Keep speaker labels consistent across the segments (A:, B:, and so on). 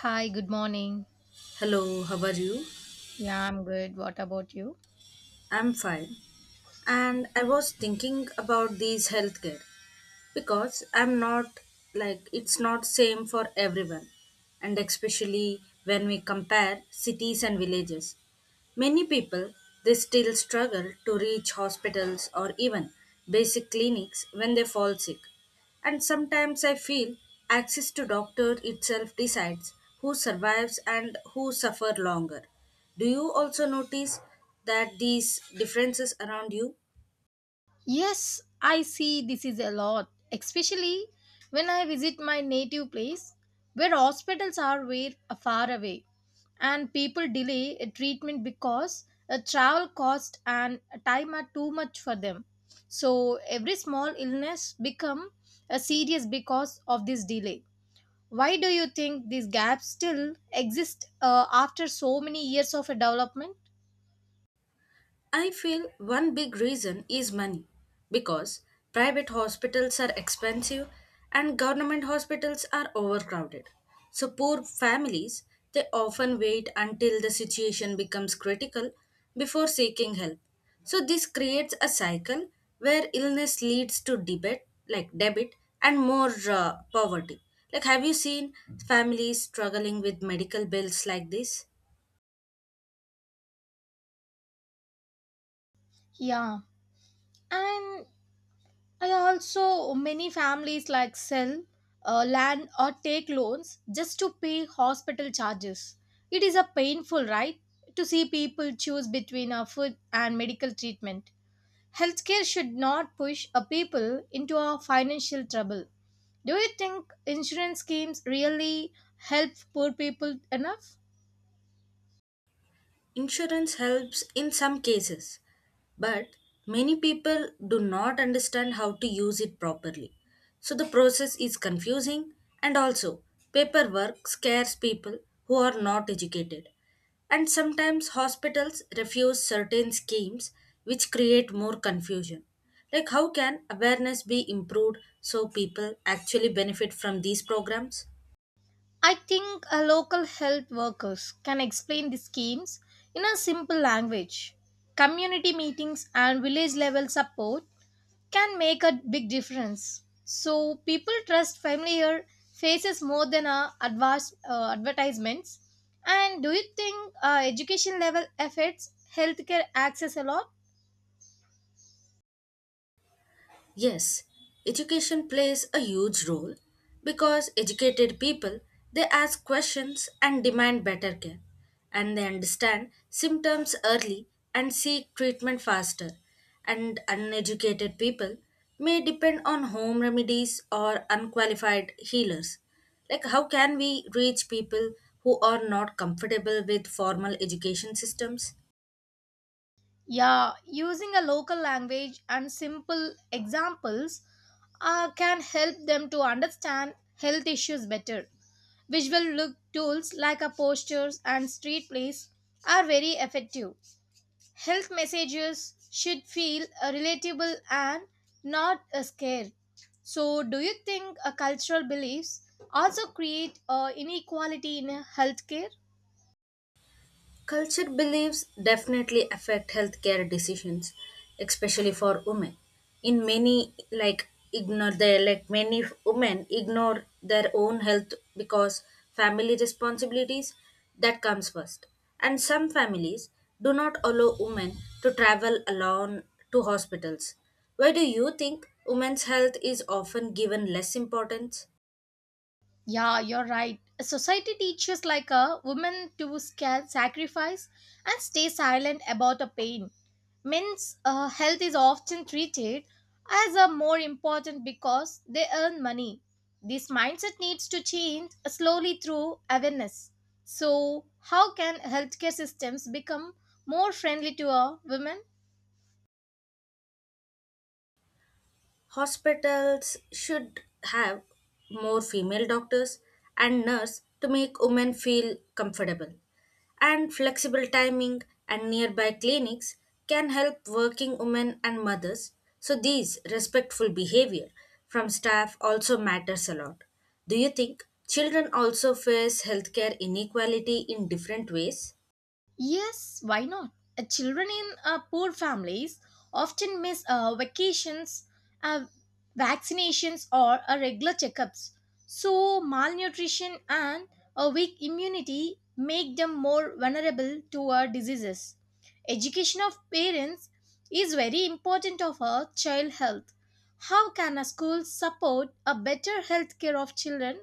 A: Hi, good morning.
B: Hello, how are you?
A: Yeah, I'm good. What about you?
B: I'm fine. And I was thinking about these healthcare because I'm not, like it's not same for everyone and especially when we compare cities and villages. Many people they still struggle to reach hospitals or even basic clinics when they fall sick. And sometimes I feel access to doctor itself decides who survives and who suffer longer. Do you also notice that these differences around you?
A: Yes, I see this is a lot, especially when I visit my native place where hospitals are way far away and people delay a treatment because a travel cost and time are too much for them. So every small illness become a serious because of this delay. Why do you think these gaps still exist after so many years of a development?
B: I feel one big reason is money because private hospitals are expensive and government hospitals are overcrowded. So poor families they often wait until the situation becomes critical before seeking help. So this creates a cycle where illness leads to debit like debit and more poverty. Like, have you seen families struggling with medical bills like this?
A: Yeah. And I also many families like sell land or take loans just to pay hospital charges. It is a painful, right, to see people choose between a food and medical treatment. Healthcare should not push a people into a financial trouble. Do you think insurance schemes really help poor people enough?
B: Insurance helps in some cases, but many people do not understand how to use it properly. So the process is confusing and also paperwork scares people who are not educated. And sometimes hospitals refuse certain schemes which create more confusion. Like, how can awareness be improved so people actually benefit from these programs?
A: I think local health workers can explain the schemes in a simple language. Community meetings and village level support can make a big difference. So people trust familiar faces more than advertisements. And do you think education level affects healthcare access a lot?
B: Yes, education plays a huge role because educated people they ask questions and demand better care and they understand symptoms early and seek treatment faster, and uneducated people may depend on home remedies or unqualified healers. Like, how can we reach people who are not comfortable with formal education systems?
A: Yeah, using a local language and simple examples can help them to understand health issues better. Visual look tools like a posters and street plays are very effective. Health messages should feel relatable and not a scare. So, do you think cultural beliefs also create inequality in healthcare?
B: Culture beliefs definitely affect healthcare decisions, especially for women. In many, like ignore their, like many women ignore their own health because family responsibilities that comes first. And some families do not allow women to travel alone to hospitals. Why do you think women's health is often given less importance?
A: Yeah, you're right. Society teaches like a woman to sacrifice and stay silent about a pain. Men's health is often treated as a more important because they earn money. This mindset needs to change slowly through awareness. So, how can healthcare systems become more friendly to a women?
B: Hospitals should have more female doctors and nurse to make women feel comfortable. And flexible timing and nearby clinics can help working women and mothers. So these respectful behavior from staff also matters a lot. Do you think children also face healthcare inequality in different ways?
A: Yes, why not? Children in poor families often miss uh, vaccinations, or regular checkups. So, malnutrition and a weak immunity make them more vulnerable to diseases. Education of parents is very important of a child health. How can a school support a better health care of children?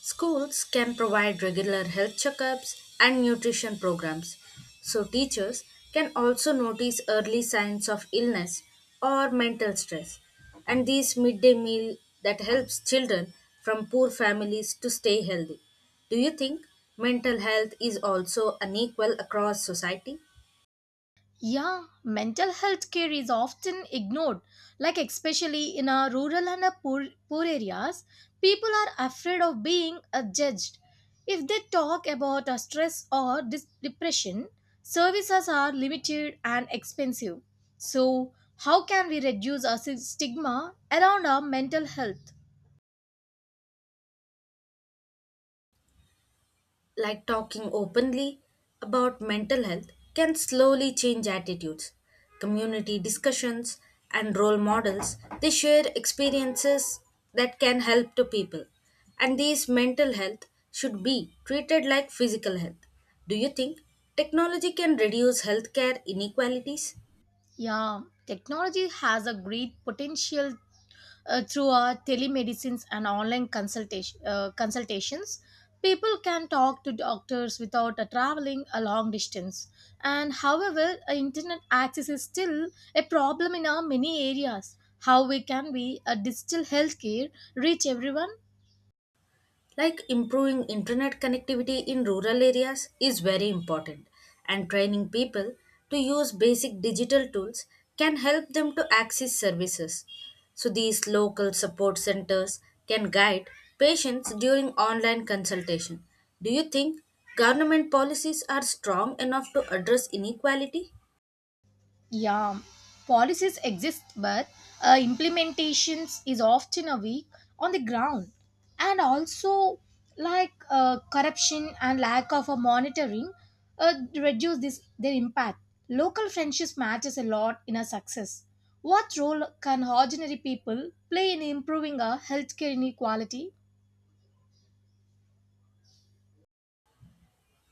B: Schools can provide regular health checkups and nutrition programs, so teachers can also notice early signs of illness or mental stress. And these midday meal that helps children from poor families to stay healthy. Do you think mental health is also unequal across society?
A: Yeah, mental health care is often ignored, like especially in our rural and our poor areas, people are afraid of being judged. If they talk about stress or depression, services are limited and expensive. So, how can we reduce our stigma around our mental health?
B: Like, talking openly about mental health can slowly change attitudes. Community discussions and role models they share experiences that can help to people. And these mental health should be treated like physical health. Do you think technology can reduce healthcare inequalities?
A: Yeah, technology has a great potential through our telemedicines and online consultations. People can talk to doctors without traveling a long distance. And however, internet access is still a problem in our many areas. How we can we a digital healthcare reach everyone?
B: Like, improving internet connectivity in rural areas is very important, and training people to use basic digital tools can help them to access services. So, these local support centers can guide patients during online consultation. Do you think government policies are strong enough to address inequality?
A: Yeah, policies exist, but implementations is often a weak on the ground, and also like corruption and lack of a monitoring reduce this their impact. Local friendships matters a lot in a success. What role can ordinary people play in improving a healthcare inequality?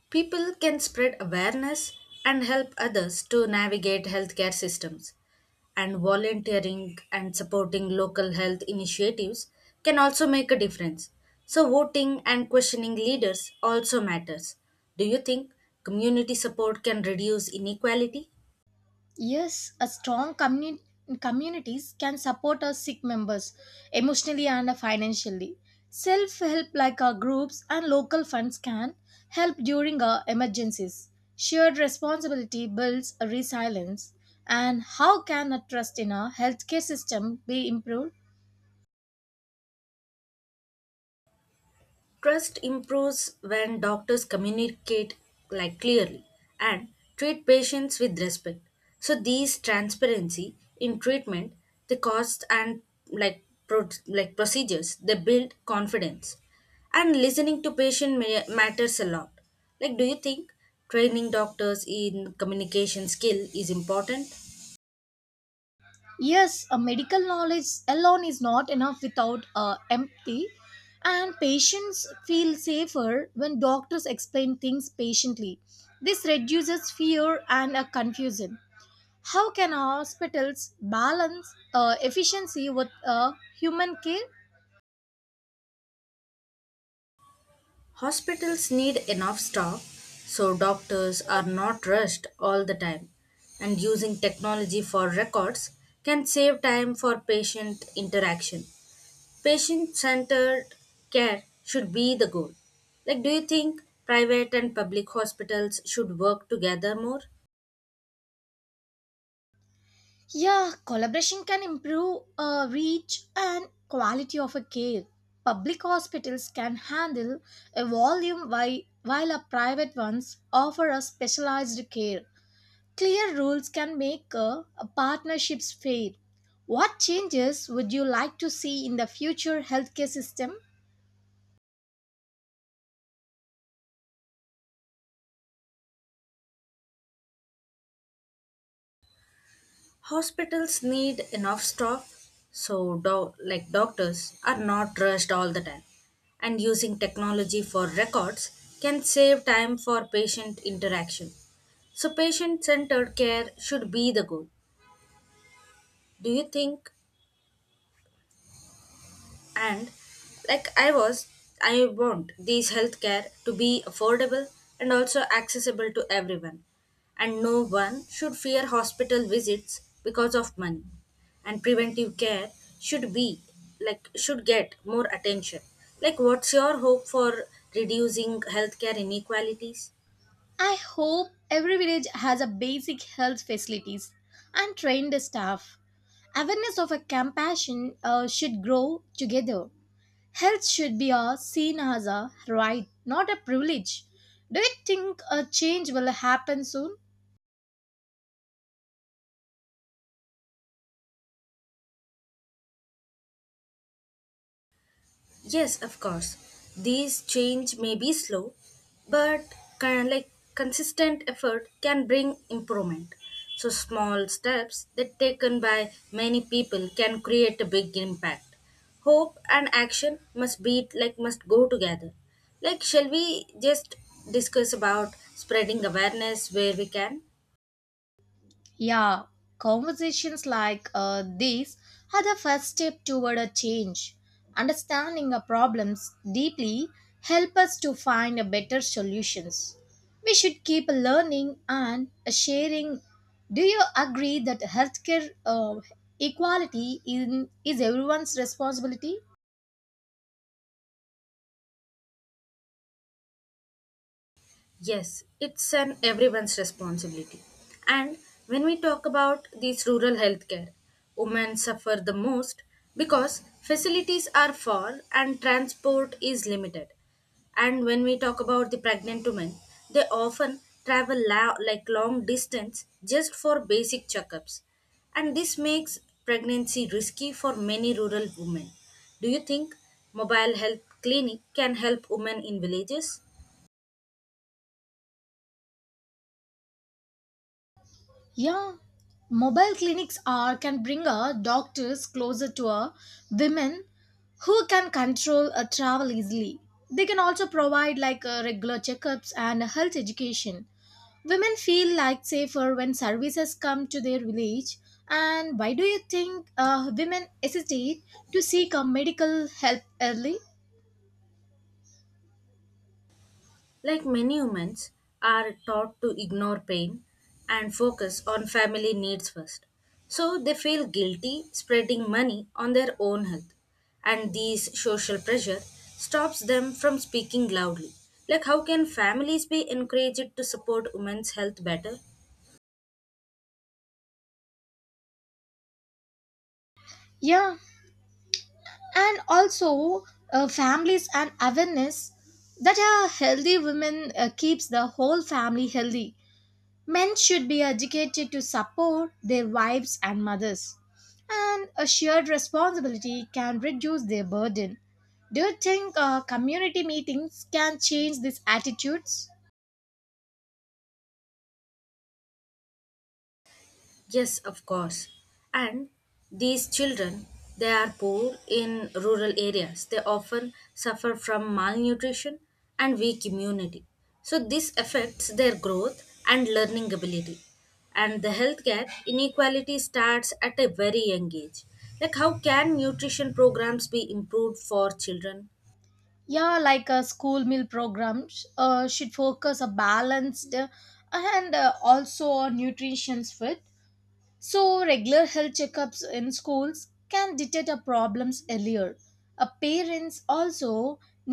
B: People can spread awareness and help others to navigate healthcare systems. And volunteering and supporting local health initiatives can also make a difference. So, voting and questioning leaders also matters. Do you think community support can reduce inequality?
A: Yes, a strong communities can support our sick members emotionally and financially. Self help, like our groups and local funds, can help during our emergencies. Shared responsibility builds a resilience. And how can a trust in our healthcare system be improved?
B: Trust improves when doctors communicate like clearly and treat patients with respect. So these transparency in treatment, the costs and like procedures, they build confidence. And listening to matters a lot. Like, do you think training doctors in communication skill is important?
A: Yes, a medical knowledge alone is not enough without empathy, and patients feel safer when doctors explain things patiently. This reduces fear and confusion. How can hospitals balance efficiency with human care?
B: Hospitals need enough staff so doctors are not rushed all the time, and using technology for records can save time for patient interaction. Patient centered care should be the goal. Like, do you think private and public hospitals should work together more?
A: Yeah, collaboration can improve reach and quality of a care. Public hospitals can handle a volume while a private ones offer a specialized care. Clear rules can make a partnerships fair. What changes would you like to see in the future healthcare system?
B: Hospitals need enough staff, so doctors are not rushed all the time. And using technology for records can save time for patient interaction. So patient-centered care should be the goal. Do you think, and like i was I want these healthcare to be affordable and also accessible to everyone, and no one should fear hospital visits because of money. And preventive care should be, like should get more attention. Like, what's your hope for reducing healthcare inequalities?
A: I hope every village has a basic health facilities and trained staff. Awareness of a compassion should grow together. Health should be a seen as a right, not a privilege. Do you think a change will happen soon?
B: Yes, of course. These change may be slow, but kind like consistent effort can bring improvement. So small steps that taken by many people can create a big impact. Hope and action must be, like must go together. Like, shall we just discuss about spreading awareness where we can?
A: Yeah, conversations like these are the first step toward a change. Understanding our problems deeply help us to find a better solutions. We should keep learning and sharing. Do you agree that healthcare equality is everyone's responsibility?
B: Yes, it's an everyone's responsibility. And when we talk about these rural healthcare, women suffer the most because facilities are far and transport is limited. And when we talk about the pregnant women, they often travel like long distance just for basic checkups. And this makes pregnancy risky for many rural women. Do you think mobile health clinic can help women in villages?
A: Yeah, mobile clinics are can bring a doctors closer to a women who can control a travel easily. They can also provide like regular checkups and health education. Women feel like safer when services come to their village. And why do you think women hesitate to seek a medical help early?
B: Like many humans, are taught to ignore pain and focus on family needs first. So they feel guilty spreading money on their own health. And these social pressure stops them from speaking loudly. Like, how can families be encouraged to support women's health better?
A: Yeah, and also families and awareness that a healthy woman keeps the whole family healthy. Men should be educated to support their wives and mothers, and a shared responsibility can reduce their burden. Do you think community meetings can change these attitudes?
B: Yes, of course. And these children, they are poor in rural areas. They often suffer from malnutrition and weak immunity. So, this affects their growth and learning ability. And the healthcare inequality starts at a very young age. Like, how can nutrition programs be improved for children?
A: Yeah, like a school meal programs should focus a balanced and also nutrition's fit. So, regular health checkups in schools can detect our problems earlier. Parents also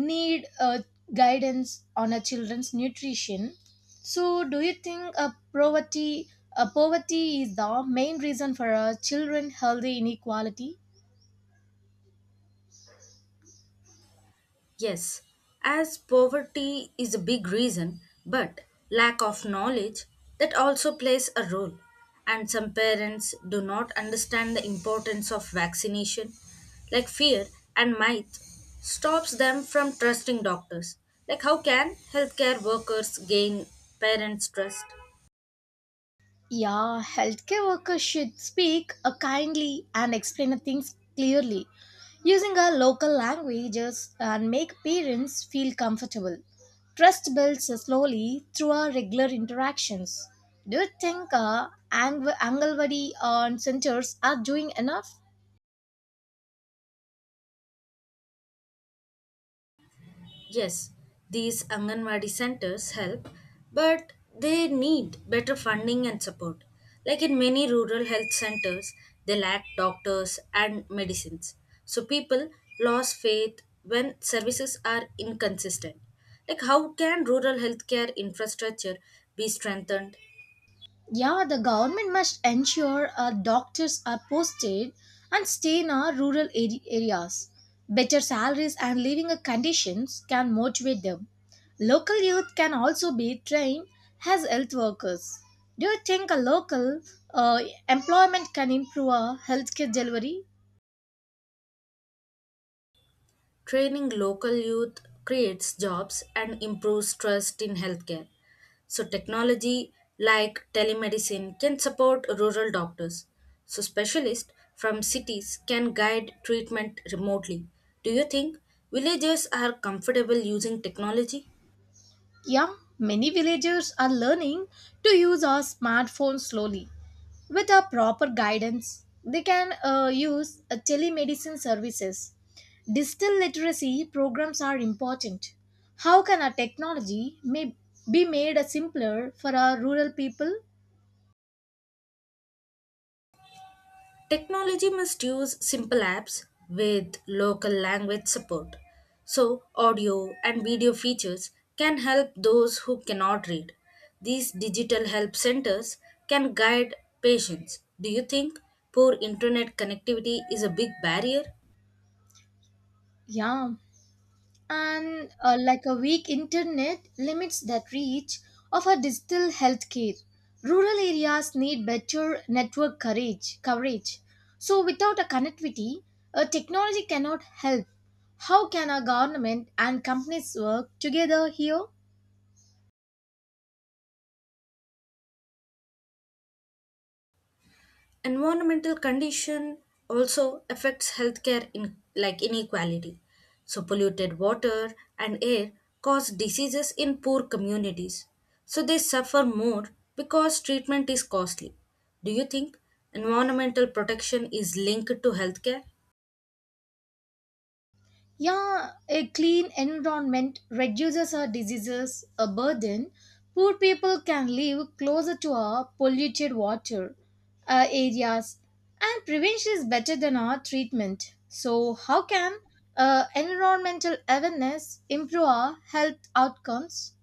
A: need guidance on our children's nutrition. So, do you think poverty is the main reason for our children healthy inequality?
B: Yes, as poverty is a big reason, but lack of knowledge that also plays a role. And some parents do not understand the importance of vaccination, like fear and might stops them from trusting doctors. Like, how can healthcare workers gain parents' trust?
A: Yeah, healthcare workers should speak kindly and explain things clearly using our local languages and make parents feel comfortable. Trust builds slowly through our regular interactions. Do you think Angalwadi centers are doing enough?
B: Yes, these Anganwadi centers help, but they need better funding and support. Like in many rural health centers, they lack doctors and medicines. So people lose faith when services are inconsistent. Like, how can rural healthcare infrastructure be strengthened?
A: Yeah, the government must ensure doctors are posted and stay in our rural areas. Better salaries and living conditions can motivate them. Local youth can also be trained as health workers. Do you think a local uh, employment can improve our healthcare delivery?
B: Training local youth creates jobs and improves trust in healthcare. So, technology like telemedicine can support rural doctors. So, specialists from cities can guide treatment remotely. Do you think villagers are comfortable using technology?
A: Yeah, many villagers are learning to use our smartphones slowly. With our proper guidance, they can use telemedicine services. Digital literacy programs are important. How can our technology may be made simpler for our rural people?
B: Technology must use simple apps with local language support. So, audio and video features can help those who cannot read. These digital help centers can guide patients. Do you think poor internet connectivity is a big barrier?
A: Yeah. And like a weak internet limits that reach of a digital healthcare. Rural areas need better network coverage. So, without a connectivity, a technology cannot help. How can our government and companies work together here?
B: Environmental condition also affects healthcare in, like inequality. So polluted water and air cause diseases in poor communities, so they suffer more because treatment is costly. Do you think environmental protection is linked to healthcare?
A: Yeah, a clean environment reduces our diseases, a burden. Poor people can live closer to our polluted water areas, and prevention is better than our treatment. So, how can environmental awareness improve our health outcomes?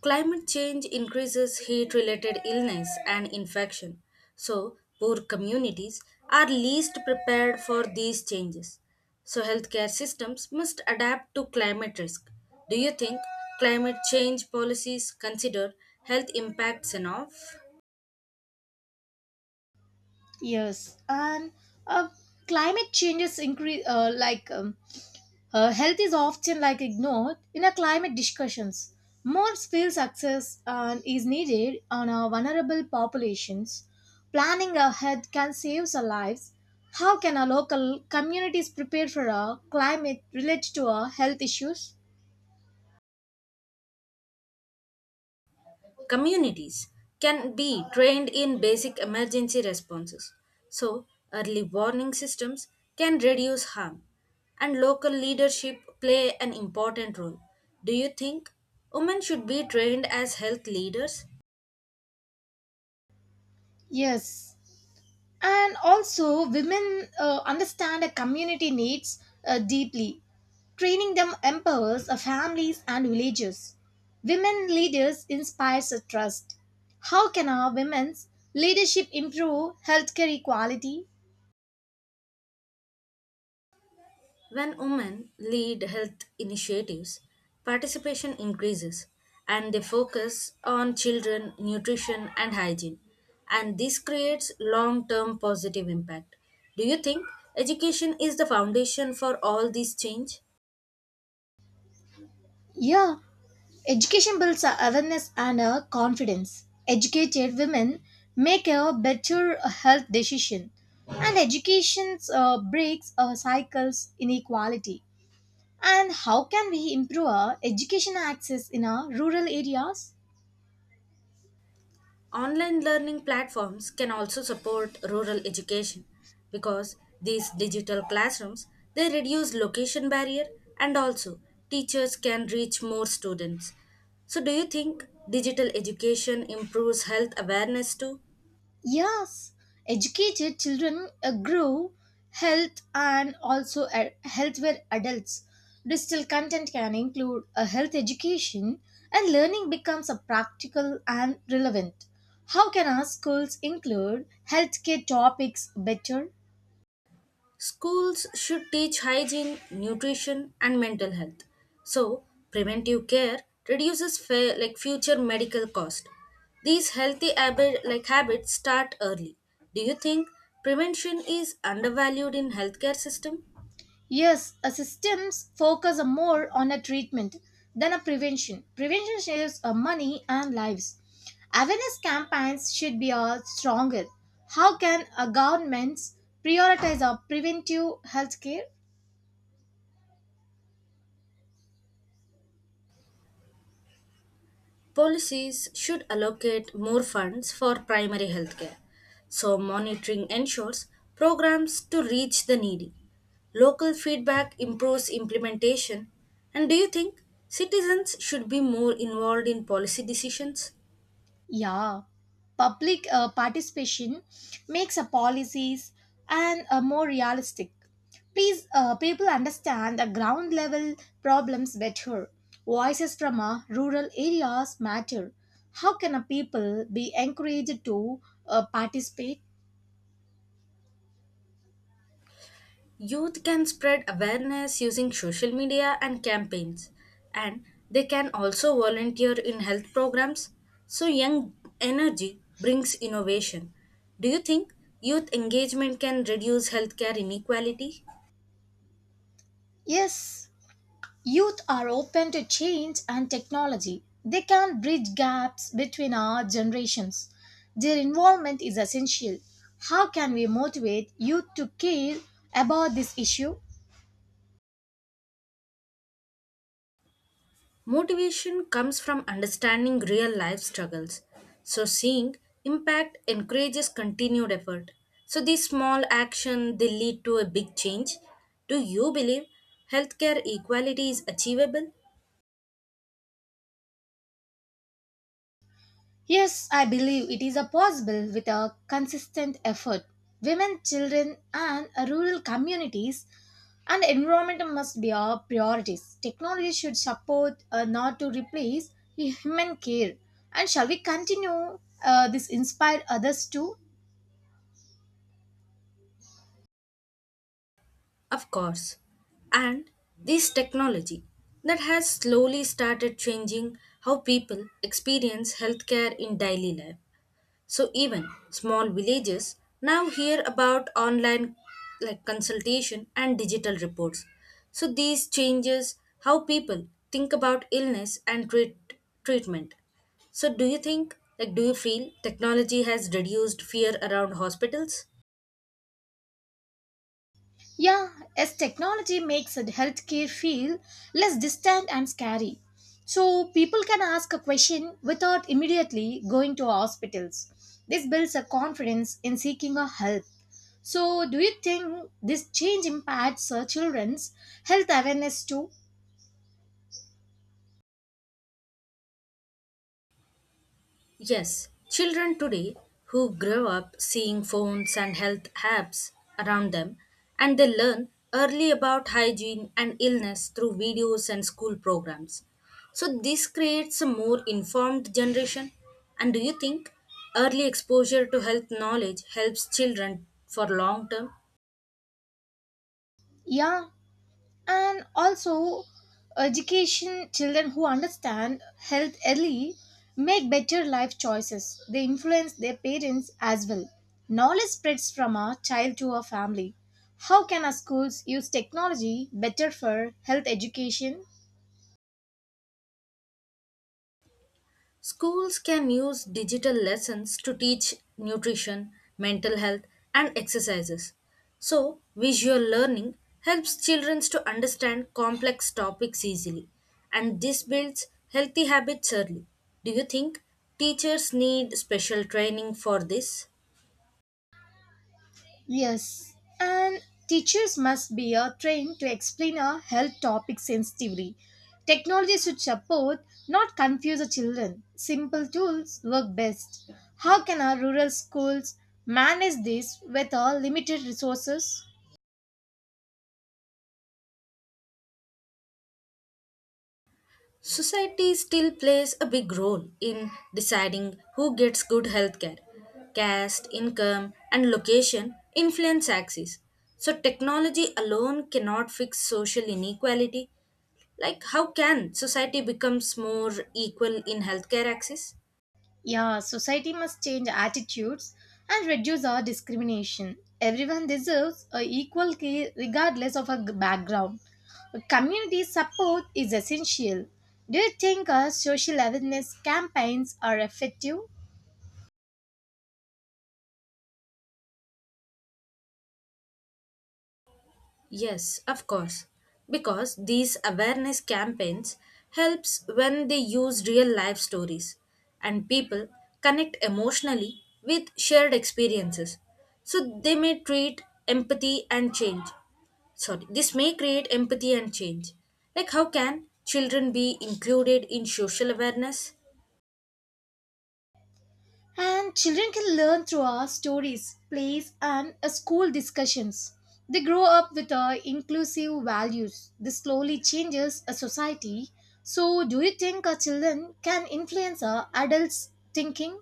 B: Climate change increases heat related illness and infection, so poor communities are least prepared for these changes. So, healthcare systems must adapt to climate risk. Do you think climate change policies consider health impacts enough?
A: Yes, and uh, climate changes increase health is often like ignored in a climate discussions. More skills access is needed on our vulnerable populations. Planning ahead can save our lives. How can our local communities prepare for our climate related to our health issues?
B: Communities can be trained in basic emergency responses. So, early warning systems can reduce harm, and local leadership play an important role. Do you think women should be trained as health leaders?
A: Yes, and also women understand a community needs deeply. Training them empowers families and villages. Women leaders inspires a trust. How can our women's leadership improve healthcare equality?
B: When women lead health initiatives, participation increases and they focus on children, nutrition, and hygiene. And this creates long term positive impact. Do you think education is the foundation for all this change?
A: Yeah, education builds our awareness and our confidence. Educated women make a better health decision, and education breaks cycles inequality. And how can we improve our education access in our rural areas?
B: Online learning platforms can also support rural education because these digital classrooms they reduce location barrier, and also teachers can reach more students. So do you think digital education improves health awareness too?
A: Yes, educated children grow health and also healthware adults. Digital content can include a health education and learning becomes a practical and relevant. How can our schools include healthcare topics better?
B: Schools should teach hygiene, nutrition, and mental health. So, preventive care reduces future medical cost. These healthy habits start early. Do you think prevention is undervalued in healthcare system?
A: Yes, a systems focus more on a treatment than a prevention. Prevention saves money and lives. Awareness campaigns should be stronger. How can governments prioritize our preventive health care?
B: Policies should allocate more funds for primary healthcare, so monitoring ensures programs to reach the needy. Local feedback improves implementation. And do you think citizens should be more involved in policy decisions?
A: Yeah, public participation makes our policies and more realistic. Please, people understand the ground level problems better. Voices from rural areas matter. How can a people be encouraged to participate?
B: Youth can spread awareness using social media and campaigns, and they can also volunteer in health programs. So, young energy brings innovation. Do you think youth engagement can reduce healthcare inequality?
A: Yes, youth are open to change and technology. They can bridge gaps between our generations. Their involvement is essential. How can we motivate youth to care about this issue?
B: Motivation comes from understanding real life struggles. So, seeing impact encourages continued effort. So, these small actions they lead to a big change. Do you believe healthcare equality is achievable?
A: Yes, I believe it is a possible with a consistent effort. Women, children, and rural communities and environment must be our priorities. Technology should support, not to replace, human care. And shall we continue this inspire others too?
B: Of course. And this technology that has slowly started changing how people experience healthcare in daily life. So even small villages now hear about online, like consultation and digital reports. So these changes how people think about illness and treatment. So, do you think, like do you feel technology has reduced fear around hospitals?
A: Yeah, as technology makes a healthcare feel less distant and scary. So people can ask a question without immediately going to hospitals. This builds a confidence in seeking a help. So do you think this change impacts children's health awareness too?
B: Yes, children today who grow up seeing phones and health apps around them, and they learn early about hygiene and illness through videos and school programs. So, this creates a more informed generation. And do you think early exposure to health knowledge helps children for long term?
A: Yeah, and also education children who understand health early make better life choices. They influence their parents as well. Knowledge spreads from a child to a family. How can our schools use technology better for health education?
B: Schools can use digital lessons to teach nutrition, mental health, and exercises. So, visual learning helps children to understand complex topics easily, and this builds healthy habits early. Do you think teachers need special training for this?
A: Yes, and teachers must be trained to explain a health topic sensitively. Technology should support, not confuse the children. Simple tools work best. How can our rural schools manage this with our limited resources?
B: Society still plays a big role in deciding who gets good healthcare. Caste, income, and location influence access. So, technology alone cannot fix social inequality. Like, how can society becomes more equal in healthcare access?
A: Yeah, society must change attitudes and reduce our discrimination. Everyone deserves a equal care regardless of a background. A community support is essential. Do you think our social awareness campaigns are effective?
B: Yes, of course. Because these awareness campaigns helps when they use real life stories and people connect emotionally with shared experiences. So they may treat empathy and change. Sorry, this may create empathy and change. Like, how can children be included in social awareness?
A: And children can learn through our stories, plays, and school discussions. They grow up with our inclusive values. This slowly changes a society. So, do you think our children can influence our adults' thinking?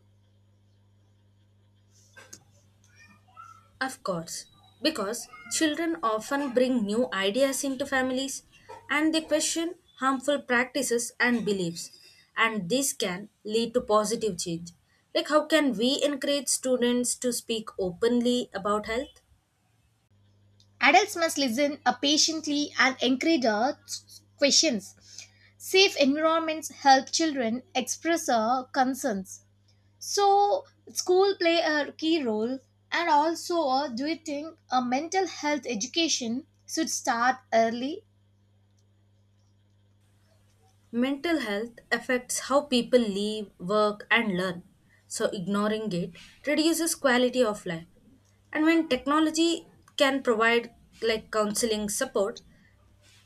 B: Of course, because children often bring new ideas into families and they question harmful practices and beliefs, and this can lead to positive change. Like, how can we encourage students to speak openly about health?
A: Adults must listen patiently and encourage our questions. Safe environments help children express our concerns. So, school play a key role, and also, do you think a mental health education should start early?
B: Mental health affects how people live, work, and learn, so ignoring it reduces quality of life. And when technology can provide like counseling support,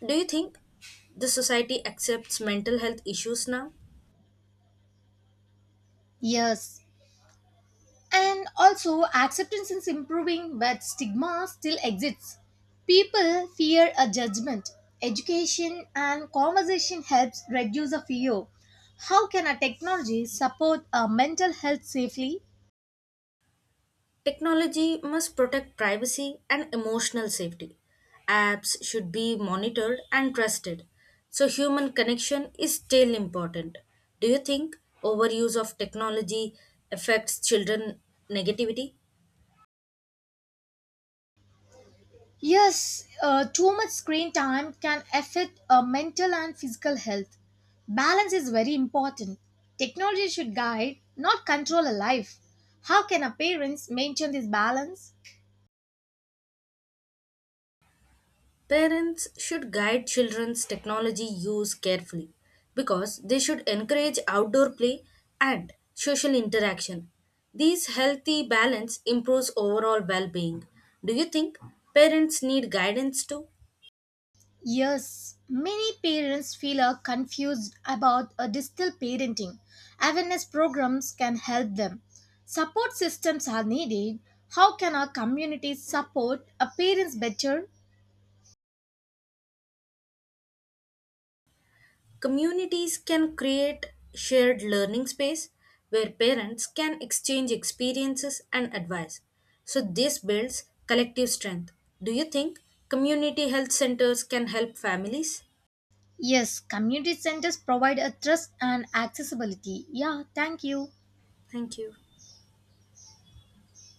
B: do you think the society accepts mental health issues now?
A: Yes, and also acceptance is improving, but stigma still exists. People fear a judgment. Education and conversation helps reduce the fear. How can a technology support a mental health safely?
B: Technology must protect privacy and emotional safety. Apps should be monitored and trusted. So, human connection is still important. Do you think overuse of technology affects children negativity?
A: Yes, too much screen time can affect mental and physical health. Balance is very important. Technology should guide, not control a life. How can a parents maintain this balance?
B: Parents should guide children's technology use carefully because they should encourage outdoor play and social interaction. These healthy balance improves overall well-being. Do you think parents need guidance too?
A: Yes, many parents feel confused about a digital parenting. Awareness programs can help them. Support systems are needed. How can our communities support a parents better?
B: Communities can create shared learning space where parents can exchange experiences and advice. So this builds collective strength. Do you think community health centers can help families?
A: Yes, community centers provide a trust and accessibility. Yeah, thank you.
B: Thank you.